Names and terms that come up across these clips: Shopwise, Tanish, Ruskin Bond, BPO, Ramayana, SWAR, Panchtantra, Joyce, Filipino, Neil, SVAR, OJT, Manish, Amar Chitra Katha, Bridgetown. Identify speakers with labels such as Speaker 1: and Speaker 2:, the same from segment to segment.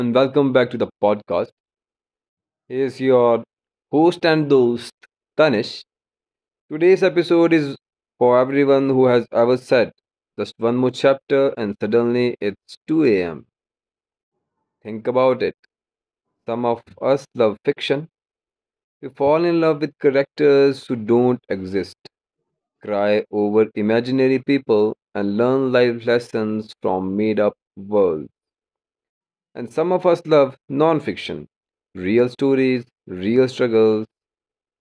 Speaker 1: and welcome back to the podcast. Here's your host and host, Tanish. Today's episode is for everyone who has ever said, just one more chapter and suddenly it's 2 a.m. Think about it. Some of us love fiction. We fall in love with characters who don't exist, cry over imaginary people, and learn life lessons from made up worlds. And some of us love non-fiction, real stories, real struggles,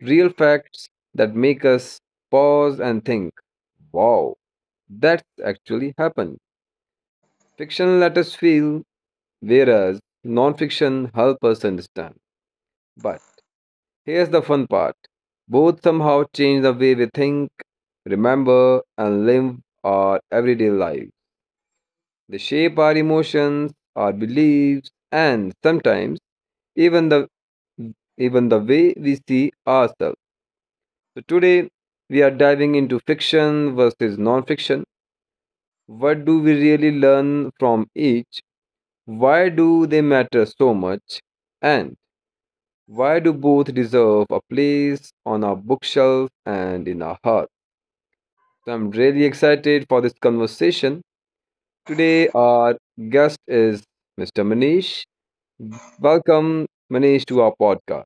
Speaker 1: real facts that make us pause and think, wow, that's actually happened. Fiction let us feel, whereas non-fiction help us understand. But here's the fun part. Both somehow change the way we think, remember, and live our everyday lives. They shape our emotions, our beliefs, and sometimes even the even the way we see ourselves. So, today we are diving into fiction versus non fiction. What do we really learn from each? Why do they matter so much? And why do both deserve a place on our bookshelf and in our heart? So, I'm really excited for this conversation. Today, our guest is Mr. Manish. Welcome, Manish, to our podcast.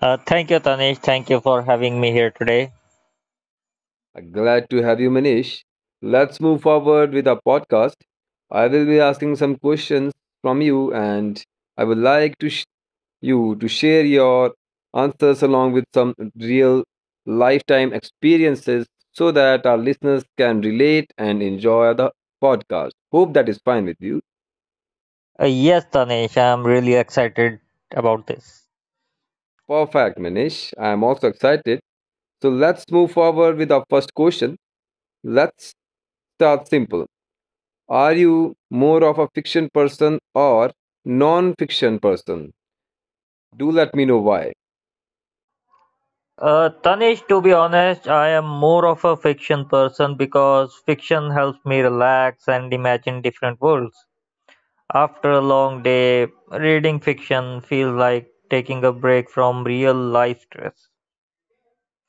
Speaker 2: Thank you, Tanish. Thank you for having me here today.
Speaker 1: Glad to have you, Manish. Let's move forward with our podcast. I will be asking some questions from you, and I would like to you to share your answers along with some real lifetime experiences so that our listeners can relate and enjoy the podcast. Hope that is fine with you.
Speaker 2: Yes, Tanish, I'm really excited about this.
Speaker 1: Perfect, Manish. I am also excited. So let's move forward with our first question. Let's start simple. Are you more of a fiction person or non fiction person? Do let me know why.
Speaker 2: Tanish, to be honest, I am more of a fiction person because fiction helps me relax and imagine different worlds. After a long day, reading fiction feels like taking a break from real life stress.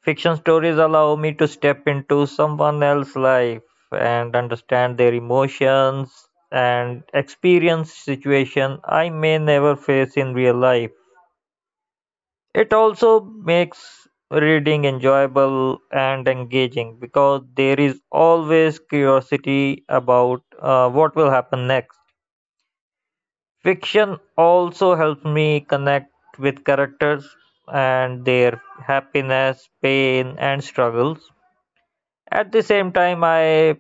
Speaker 2: Fiction stories allow me to step into someone else's life and understand their emotions and experience situation I may never face in real life. It also makes reading enjoyable and engaging because there is always curiosity about what will happen next. Fiction also helps me connect with characters and their happiness, pain, and struggles. At the same time, I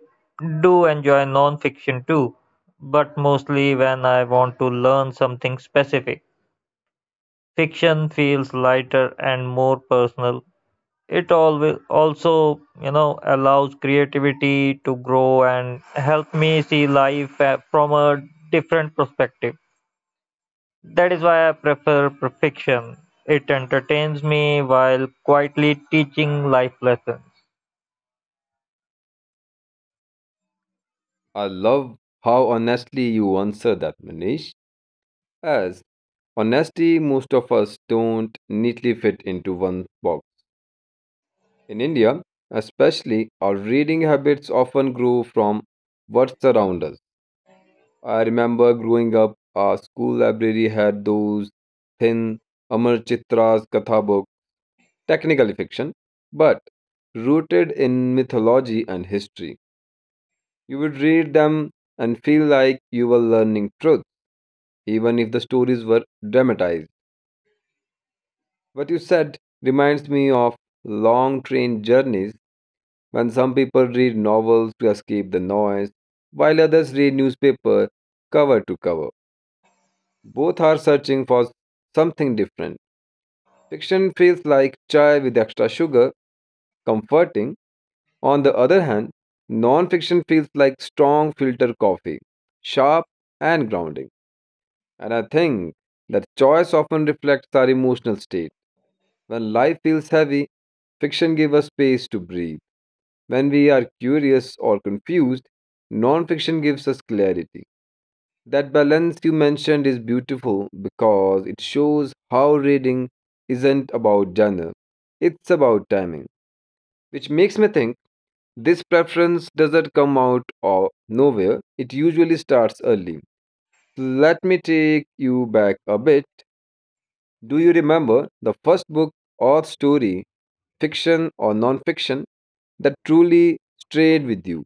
Speaker 2: do enjoy non-fiction too, but mostly when I want to learn something specific. Fiction feels lighter and more personal. It always also, allows creativity to grow and help me see life from a different perspective. That is why I prefer fiction. It entertains me while quietly teaching life lessons.
Speaker 1: I love how honestly you answer that, Manish. As honesty, most of us don't neatly fit into one box. In India, especially, our reading habits often grow from what's around us. I remember growing up, our school library had those thin Amar Chitra's Katha books. Technical fiction, but rooted in mythology and history. You would read them and feel like you were learning truth, even if the stories were dramatized. What you said reminds me of long train journeys when some people read novels to escape the noise, while others read newspaper cover to cover. Both are searching for something different. Fiction feels like chai with extra sugar, comforting. On the other hand, nonfiction feels like strong filter coffee, sharp and grounding. And I think that choice often reflects our emotional state. When life feels heavy, fiction gives us space to breathe. When we are curious or confused, nonfiction gives us clarity. That balance you mentioned is beautiful because it shows how reading isn't about genre, it's about timing, which makes me think this preference doesn't come out of nowhere, it usually starts early. Let me take you back a bit. Do you remember the first book or story, fiction or non fiction, that truly stayed with you?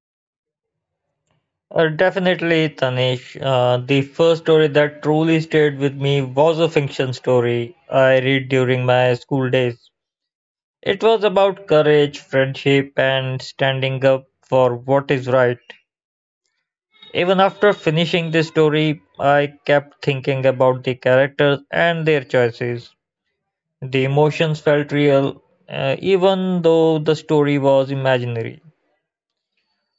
Speaker 2: Definitely, Tanish. The first story that truly stayed with me was a fiction story I read during my school days. It was about courage, friendship, and standing up for what is right. Even after finishing this story, I kept thinking about the characters and their choices. The emotions felt real, even though the story was imaginary.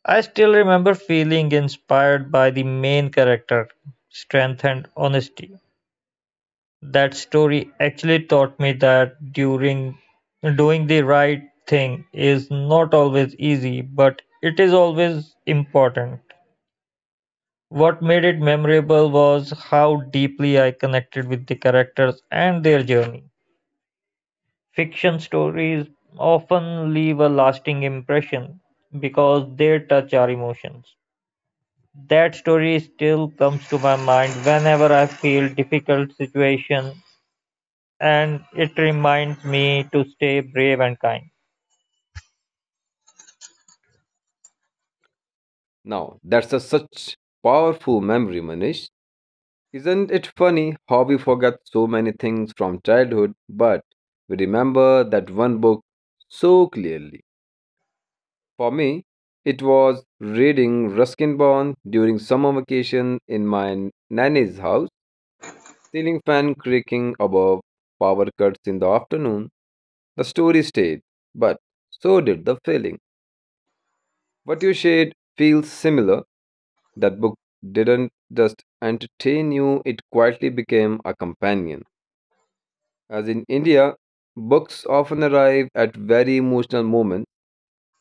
Speaker 2: I still remember feeling inspired by the main character, strength and honesty. That story actually taught me that during doing the right thing is not always easy, but it is always important. What made it memorable was how deeply I connected with the characters and their journey. Fiction stories often leave a lasting impression because they touch our emotions. That story still comes to my mind whenever I feel difficult situation and it reminds me to stay brave and kind.
Speaker 1: Now, that's a such powerful memory, Manish. Isn't it funny how we forget so many things from childhood, but we remember that one book so clearly? For me, it was reading Ruskin Bond during summer vacation in my nanny's house, ceiling fan creaking above, power cuts in the afternoon. The story stayed, but so did the feeling. What you shared feels similar. That book didn't just entertain you, it quietly became a companion. As in India, books often arrive at very emotional moments,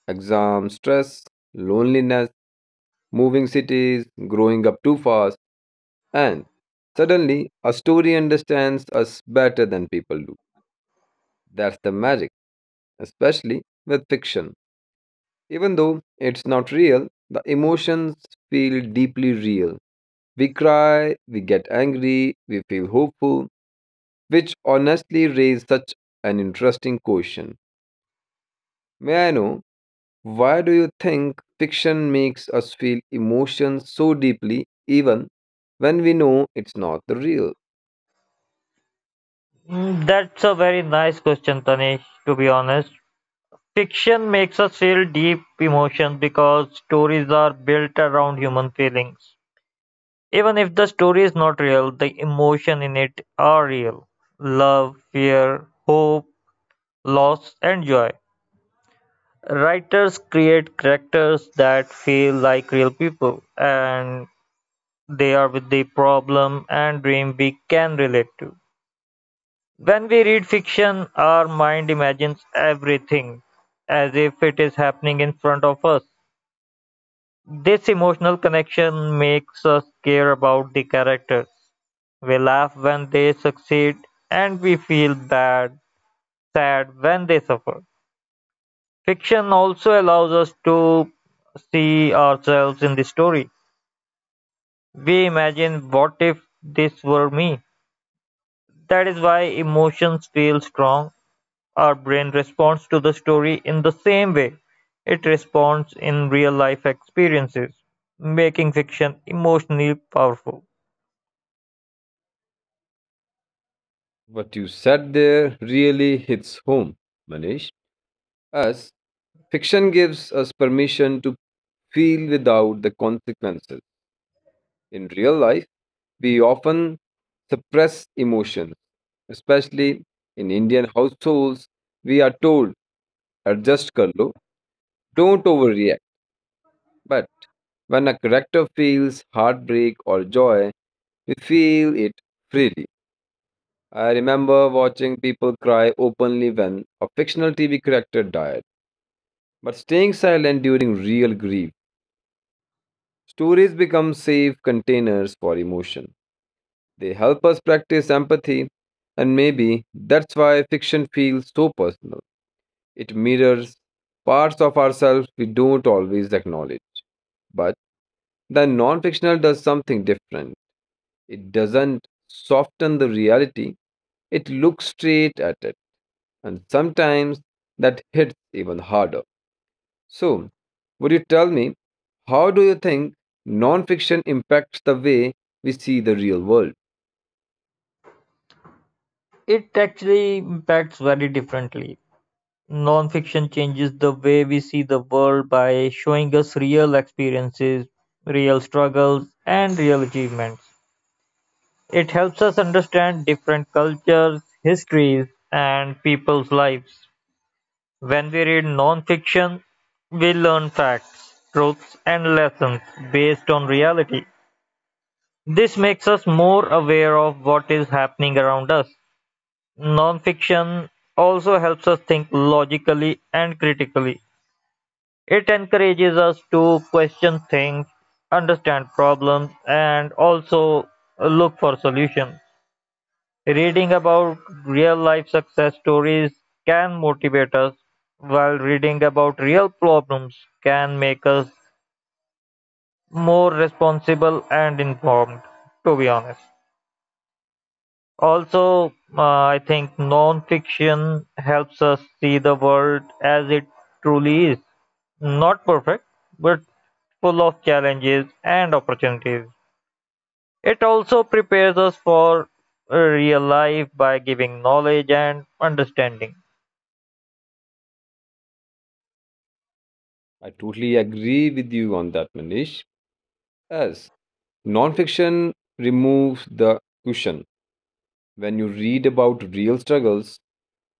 Speaker 1: exam stress, loneliness, moving cities, growing up too fast. And suddenly, a story understands us better than people do. That's the magic, especially with fiction. Even though it's not real, the emotions feel deeply real. We cry, we get angry, we feel hopeful, which honestly raise such an interesting question. May I know, why do you think fiction makes us feel emotions so deeply even when we know it's not the real?
Speaker 2: Mm, that's a very nice question, Tanish, to be honest. Fiction makes us feel deep emotions because stories are built around human feelings. Even if the story is not real, the emotion in it are real. Love, fear, hope, loss, and joy. Writers create characters that feel like real people, and they are with the problem and dream we can relate to. When we read fiction, our mind imagines everything as if it is happening in front of us. This emotional connection makes us care about the characters. We laugh when they succeed, and we feel bad, sad when they suffer. Fiction also allows us to see ourselves in the story. We imagine what if this were me. That is why emotions feel strong. Our brain responds to the story in the same way it responds in real life experiences, making fiction emotionally powerful.
Speaker 1: What you said there really hits home, Manish, as fiction gives us permission to feel without the consequences. In real life, we often suppress emotions, especially in Indian households. We are told, adjust karlo, don't overreact. But when a character feels heartbreak or joy, we feel it freely. I remember watching people cry openly when a fictional TV character died, but staying silent during real grief. Stories become safe containers for emotion. They help us practice empathy, and maybe that's why fiction feels so personal. It mirrors parts of ourselves we don't always acknowledge. But the non fictional does something different. It doesn't soften the reality, it looks straight at it, and sometimes that hits even harder. So, would you tell me, how do you think non-fiction impacts the way we see the real world?
Speaker 2: It actually impacts very differently. Nonfiction changes the way we see the world by showing us real experiences, real struggles, and real achievements. It helps us understand different cultures, histories, and people's lives. When we read nonfiction, we learn facts, truths, and lessons based on reality. This makes us more aware of what is happening around us. Nonfiction also helps us think logically and critically. It encourages us to question things, understand problems, and also look for solutions. Reading about real life success stories can motivate us, while reading about real problems can make us more responsible and informed, to be honest. Also, I think non-fiction helps us see the world as it truly is. Not perfect, but full of challenges and opportunities. It also prepares us for real life by giving knowledge and understanding.
Speaker 1: I totally agree with you on that, Manish. As non-fiction removes the cushion. When you read about real struggles,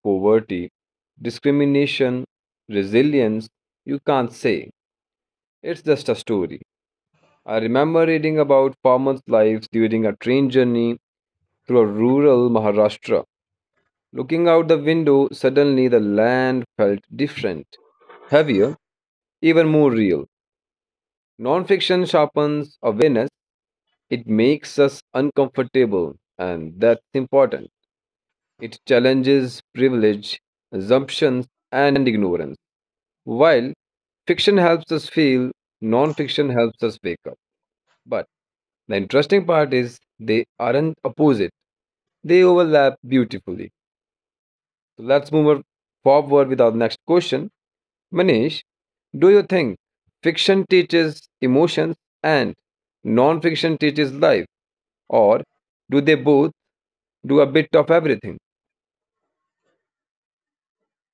Speaker 1: poverty, discrimination, resilience, you can't say it's just a story. I remember reading about farmers' lives during a train journey through a rural Maharashtra. Looking out the window, suddenly the land felt different, heavier, even more real. Nonfiction sharpens awareness, it makes us uncomfortable, and that's important. It challenges privilege, assumptions, and ignorance. While fiction helps us feel, nonfiction helps us wake up. But the interesting part is they aren't opposite, they overlap beautifully. So let's move forward with our next question. Manish, do you think fiction teaches emotions and non fiction teaches life, or do they both do a bit of everything?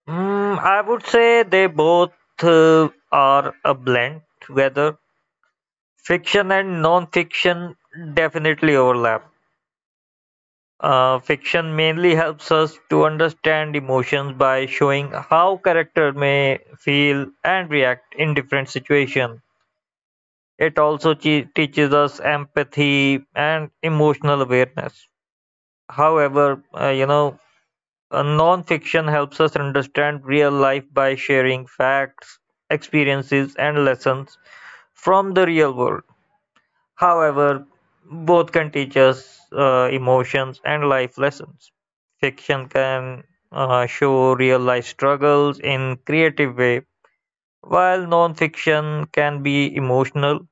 Speaker 2: Mm, I would say they both are a blend, whether fiction and non fiction definitely overlap. Fiction mainly helps us to understand emotions by showing how characters may feel and react in different situations. It also teaches us empathy and emotional awareness. However, non-fiction helps us understand real life by sharing facts, experiences, and lessons from the real world. However, both can teach us emotions and life lessons. Fiction can show real life struggles in creative way, while non-fiction can be emotional,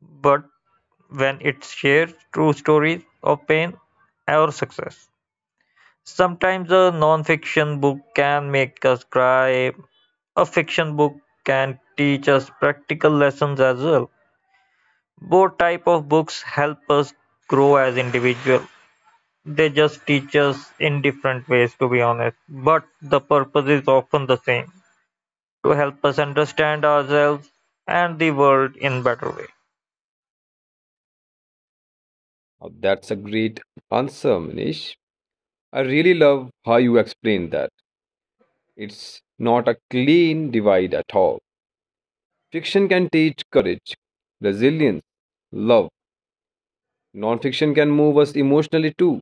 Speaker 2: but when it shares true stories of pain or success. Sometimes a non-fiction book can make us cry. A fiction book can teach us practical lessons as well. Both type of books help us grow as individual. They just teach us in different ways, to be honest. But the purpose is often the same to help us understand ourselves and the world in better way.
Speaker 1: Now, that's a great answer, Manish. I really love how you explain that. It's not a clean divide at all. Fiction can teach courage, resilience, love. Non-fiction can move us emotionally too.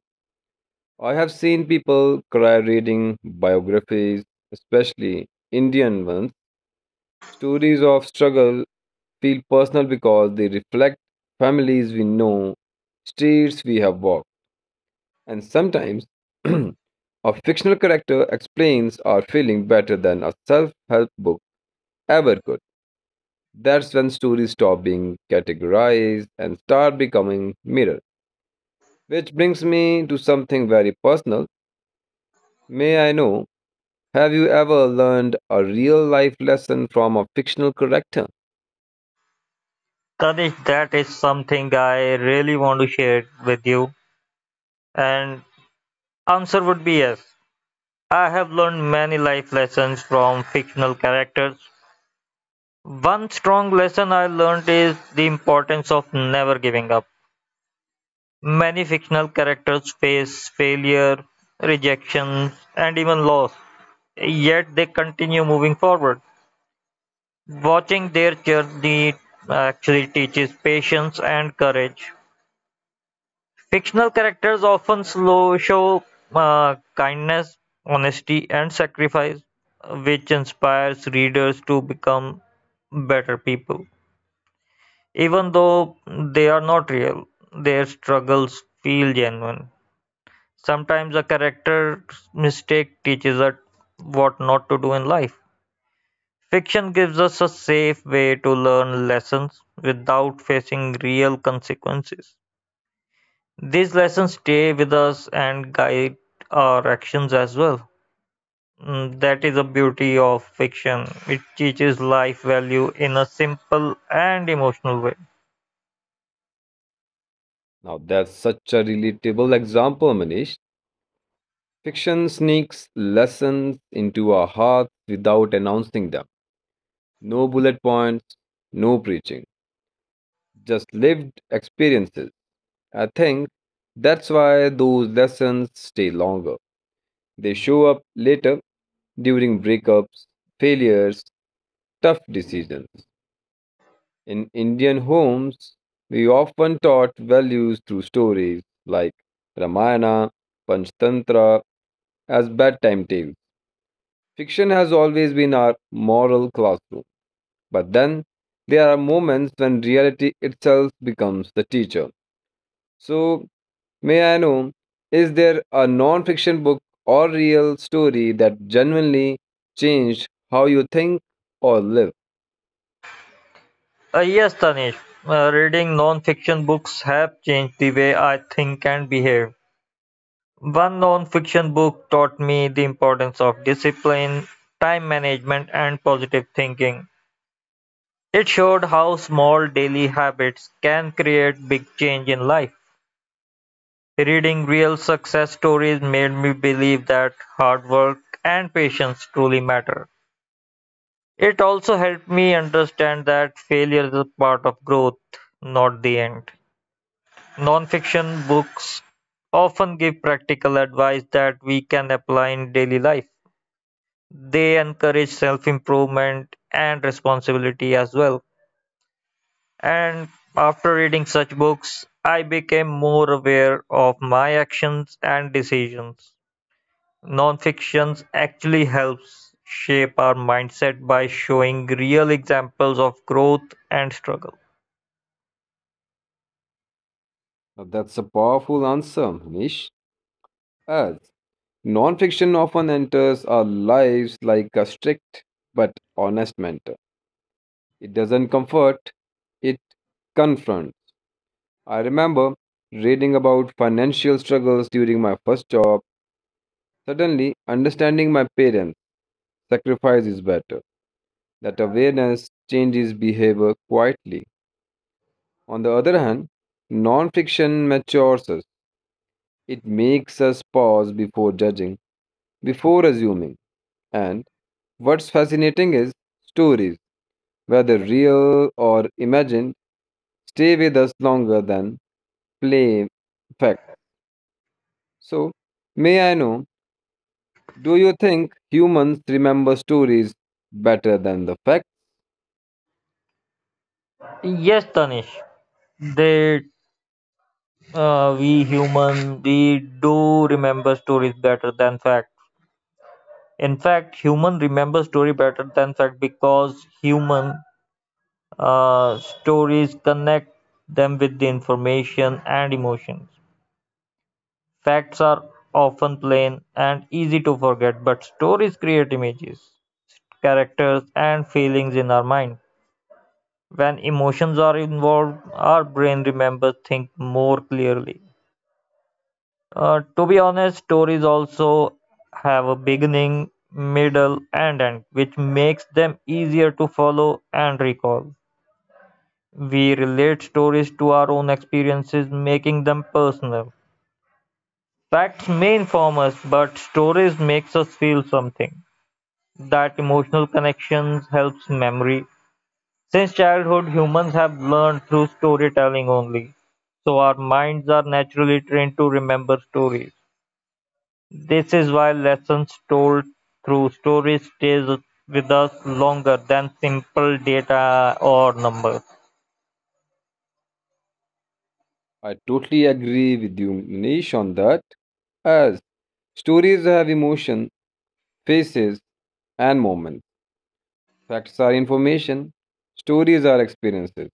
Speaker 1: I have seen people cry reading biographies, especially Indian ones, stories of struggle feel personal because they reflect families we know, streets we have walked, and sometimes a fictional character explains our feeling better than a self help book ever could. That's when stories stop being categorized and start becoming mirrors. Which brings me to something very personal. May I know, have you ever learned a real life lesson from a fictional character?
Speaker 2: Tanish, that is something I really want to share with you. And answer would be yes. I have learned many life lessons from fictional characters. One strong lesson I learned is the importance of never giving up. Many fictional characters face failure, rejection, and even loss. Yet they continue moving forward. Watching their journey actually teaches patience and courage. Fictional characters often slow show kindness, honesty, and sacrifice, which inspires readers to become better people. Even though they are not real, their struggles feel genuine. Sometimes a character's mistake teaches us what not to do in life. Fiction gives us a safe way to learn lessons without facing real consequences. These lessons stay with us and guide our actions as well. Mm, that is the beauty of fiction. It teaches life value in a simple and emotional way.
Speaker 1: Now that's such a relatable example, Manish. Fiction sneaks lessons into our hearts without announcing them. No bullet points, no preaching, just lived experiences. I think that's why those lessons stay longer. They show up later during breakups, failures, tough decisions. In Indian homes, we often taught values through stories like Ramayana, Panchtantra as bedtime tales. Fiction has always been our moral classroom. But then there are moments when reality itself becomes the teacher. So, may I know, is there a non fiction book or real story that genuinely changed how you think or live?
Speaker 2: Yes, Tanish, reading non fiction books have changed the way I think and behave. One non fiction book taught me the importance of discipline, time management, and positive thinking. It showed how small daily habits can create big change in life. Reading real success stories made me believe that hard work and patience truly matter. It also helped me understand that failure is a part of growth, not the end. Nonfiction books often give practical advice that we can apply in daily life. They encourage self improvement and responsibility as well. And after reading such books, I became more aware of my actions and decisions. Nonfiction actually helps shape our mindset by showing real examples of growth and struggle.
Speaker 1: Now, that's a powerful answer, Manish. As non fiction often enters our lives like a strict but honest mentor, it doesn't comfort, it confronts. I remember reading about financial struggles during my first job. Suddenly, understanding my parents' sacrifice is better. That awareness changes behavior quietly. On the other hand, non fiction matures us. It makes us pause before judging, before assuming. And what's fascinating is stories, whether real or imagined, stay with us longer than play fact. So, may I know, do you think humans remember stories better than the fact?
Speaker 2: Yes, Tanish, they, we human, we do remember stories better than fact. In fact, human remember story better than fact because human stories connect them with the information and emotions. Facts are often plain and easy to forget, but stories create images, characters, and feelings in our mind. When emotions are involved, our brain remembers things more clearly. To be honest, stories also have a beginning, middle, and end, which makes them easier to follow and recall. We relate stories to our own experiences, making them personal. Facts may inform us, but stories makes us feel something. That emotional connections helps memory. Since childhood, humans have learned through storytelling only. So our minds are naturally trained to remember stories. This is why lessons told through stories stays with us longer than simple data or numbers.
Speaker 1: I totally agree with you, Manish, on that. As stories have emotion, faces, and moments. Facts are information, stories are experiences.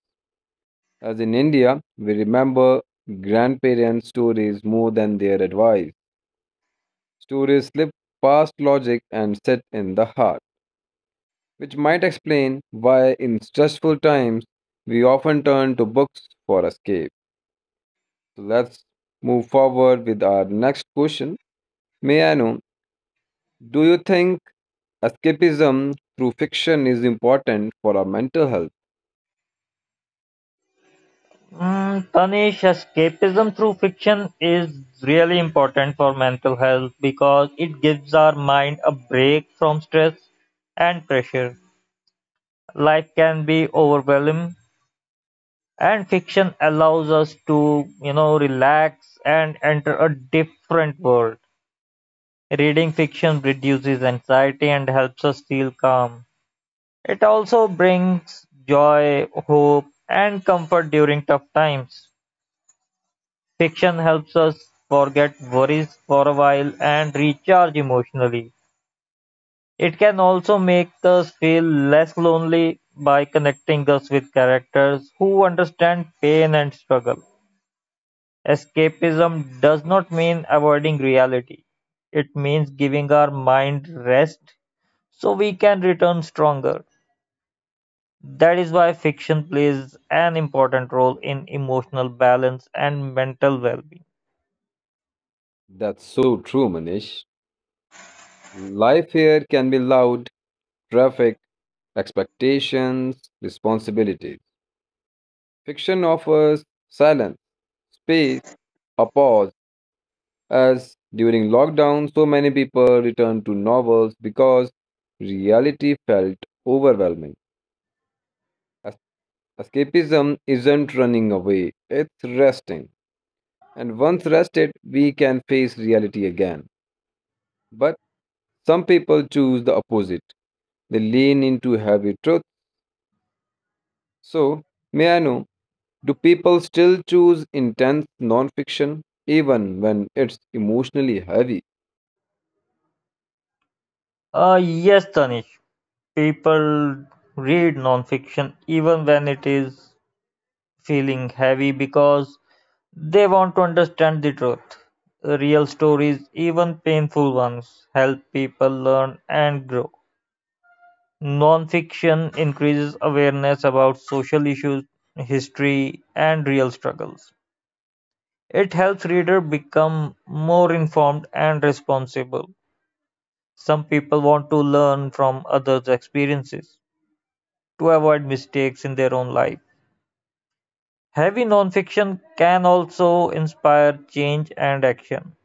Speaker 1: As in India, we remember grandparents' stories more than their advice. Stories slip past logic and sit in the heart, which might explain why, in stressful times, we often turn to books for escape. So let's move forward with our next question. May I know? Do you think escapism through fiction is important for our mental health?
Speaker 2: Mm, Tanish, escapism through fiction is really important for mental health because it gives our mind a break from stress and pressure. Life can be overwhelming, and fiction allows us to, relax and enter a different world. Reading fiction reduces anxiety and helps us feel calm. It also brings joy, hope, and comfort during tough times. Fiction helps us forget worries for a while and recharge emotionally. It can also make us feel less lonely by connecting us with characters who understand pain and struggle. Escapism does not mean avoiding reality, it means giving our mind rest so we can return stronger. That is why fiction plays an important role in emotional balance and mental well being.
Speaker 1: That's so true, Manish. Life here can be loud, traffic, expectations, responsibilities. Fiction offers silence, space, a pause, as during lockdown, so many people returned to novels because reality felt overwhelming. Es- Escapism isn't running away, it's resting. And once rested, we can face reality again. But some people choose the opposite. They lean into heavy truth. So, may I know, do people still choose intense nonfiction even when it's emotionally heavy?
Speaker 2: Yes, Tanish. People read nonfiction even when it is feeling heavy because they want to understand the truth. Real stories, even painful ones, help people learn and grow. Nonfiction increases awareness about social issues, history, and real struggles. It helps reader become more informed and responsible. Some people want to learn from others' experiences to avoid mistakes in their own life. Heavy nonfiction can also inspire change and action.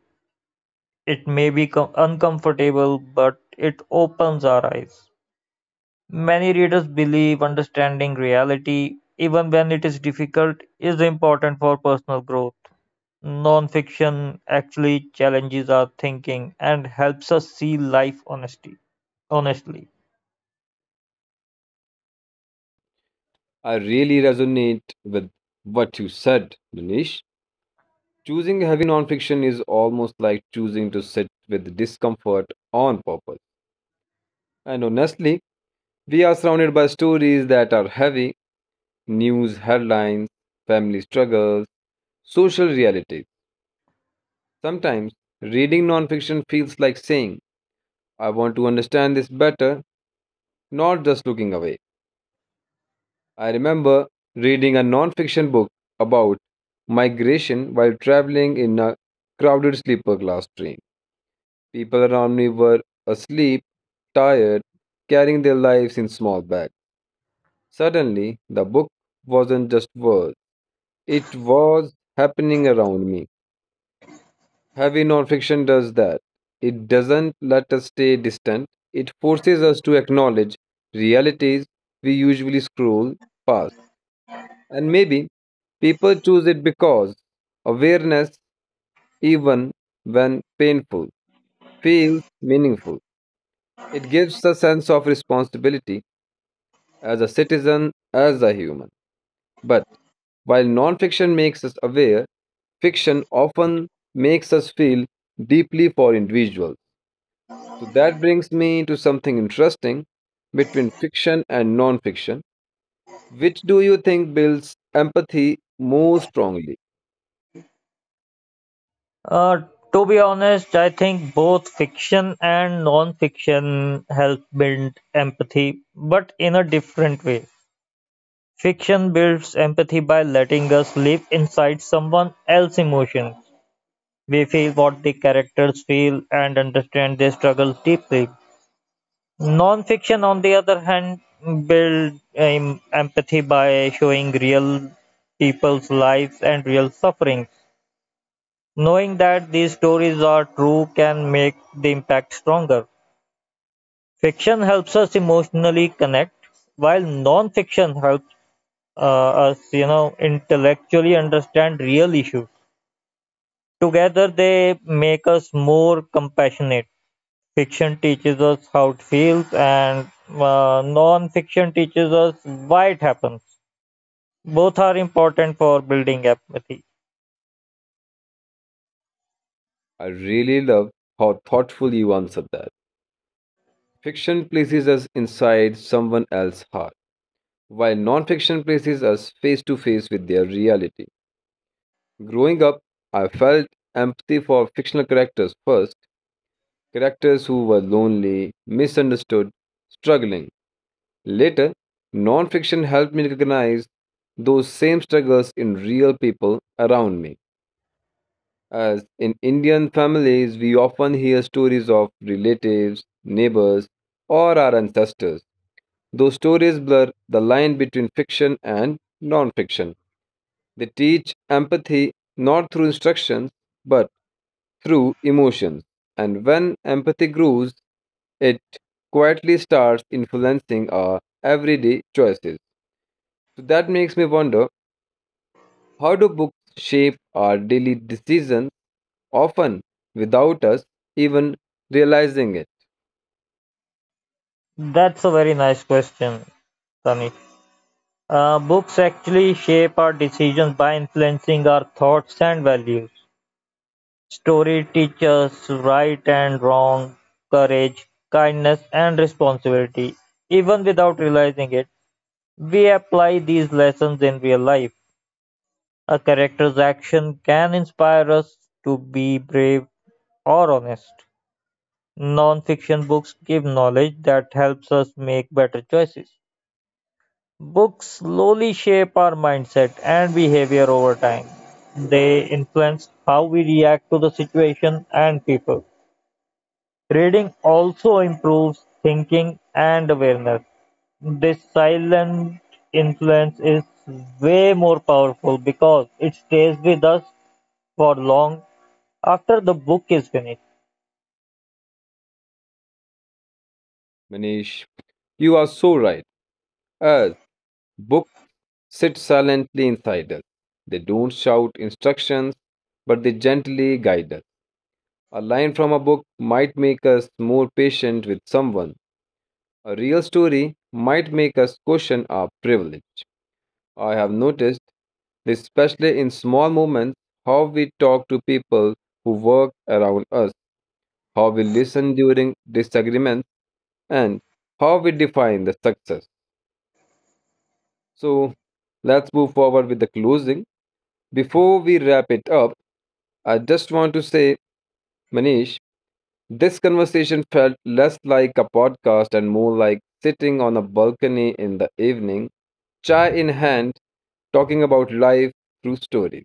Speaker 2: It may be uncomfortable, but it opens our eyes. Many readers believe understanding reality, even when it is difficult, is important for personal growth. Nonfiction actually challenges our thinking and helps us see life honestly.
Speaker 1: I really resonate with what you said, Manish. Choosing heavy nonfiction is almost like choosing to sit with discomfort on purpose. And honestly, we are surrounded by stories that are heavy, news headlines, family struggles, social realities. Sometimes reading nonfiction feels like saying, I want to understand this better, not just looking away. I remember reading a nonfiction book about migration while traveling in a crowded sleeper class train. People around me were asleep, tired, carrying their lives in small bags. Suddenly, the book wasn't just words, it was happening around me. Heavy nonfiction does that. It doesn't let us stay distant, it forces us to acknowledge realities we usually scroll past. And maybe people choose it because awareness, even when painful, feels meaningful. It gives a sense of responsibility as a citizen, as a human. But while nonfiction makes us aware, fiction often makes us feel deeply for individuals. So that brings me to something interesting between fiction and non-fiction. Which do you think builds empathy more strongly?
Speaker 2: Uh, to be honest, I think both fiction and non-fiction help build empathy, but in a different way. Fiction builds empathy by letting us live inside someone else's emotions. We feel what the characters feel and understand their struggles deeply. Non-fiction, on the other hand, builds empathy by showing real people's lives and real suffering. Knowing that these stories are true can make the impact stronger. Fiction helps us emotionally connect, while non-fiction helps uh, us intellectually understand real issues. Together, they make us more compassionate. Fiction teaches us how it feels, and non-fiction teaches us why it happens. Both are important for building empathy.
Speaker 1: I really love how thoughtfully you answered that. Fiction places us inside someone else's heart, while non-fiction places us face to face with their reality. Growing up, I felt empathy for fictional characters first, characters who were lonely, misunderstood, struggling. Later, nonfiction helped me recognize those same struggles in real people around me. As in Indian families, we often hear stories of relatives, neighbors, or our ancestors. Those stories blur the line between fiction and nonfiction. They teach empathy not through instructions, but through emotions. And when empathy grows, it quietly starts influencing our everyday choices. So that makes me wonder, how do books shape our daily decisions, often without us even realizing it?
Speaker 2: That's a very nice question, Tani. Books actually shape our decisions by influencing our thoughts and values. Story teaches right and wrong, courage, kindness, and responsibility. Even without realizing it, we apply these lessons in real life. A character's action can inspire us to be brave or honest. Non fiction books give knowledge that helps us make better choices. Books slowly shape our mindset and behavior over time. They influence how we react to the situation and people. Reading also improves thinking and awareness. This silent influence is way more powerful because it stays with us for long after the book is finished.
Speaker 1: Manish, you are so right. As books sit silently inside us, they don't shout instructions, but they gently guide us. A line from a book might make us more patient with someone. A real story might make us question our privilege. I have noticed this, especially in small moments, how we talk to people who work around us, how we listen during disagreements, and how we define the success. So let's move forward with the closing. Before we wrap it up, I just want to say, Manish, this conversation felt less like a podcast and more like sitting on a balcony in the evening, chai in hand, talking about life through stories.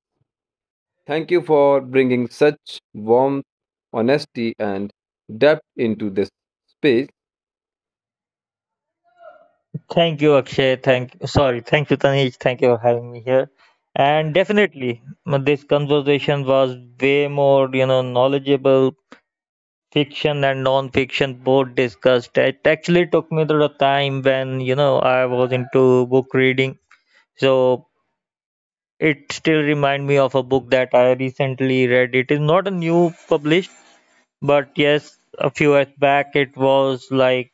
Speaker 1: Thank you for bringing such warmth, honesty, and depth into this space.
Speaker 2: Thank you, Tanij. Thank you for having me here. And definitely, this conversation was way more, knowledgeable. Fiction and non-fiction both discussed. It actually took me to the time when I was into book reading, so it still remind me of a book that I recently read. It is not a new published, but yes, a few years back it was like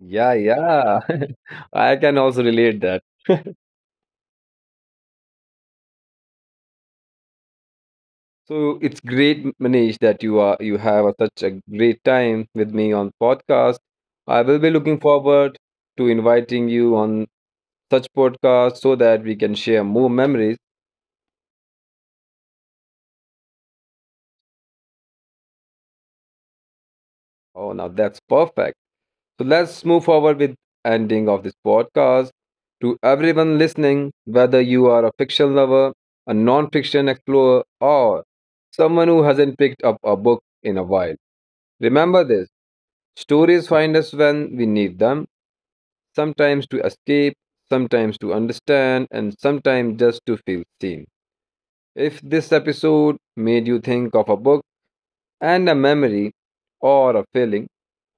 Speaker 1: Yeah, yeah. I can also relate that. So it's great, Manish, that you have a, such a great time with me on podcast. I will be looking forward to inviting you on such podcast so that we can share more memories. Oh, now that's perfect. So let's move forward with ending of this podcast. To everyone listening, whether you are a fiction lover, a non-fiction explorer, or someone who hasn't picked up a book in a while. Remember this, stories find us when we need them, sometimes to escape, sometimes to understand, and sometimes just to feel seen. If this episode made you think of a book and a memory or a feeling,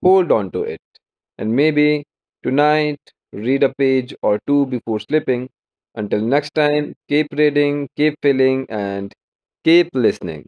Speaker 1: hold on to it. And maybe tonight, read a page or two before sleeping. Until next time, keep reading, keep feeling, and keep listening.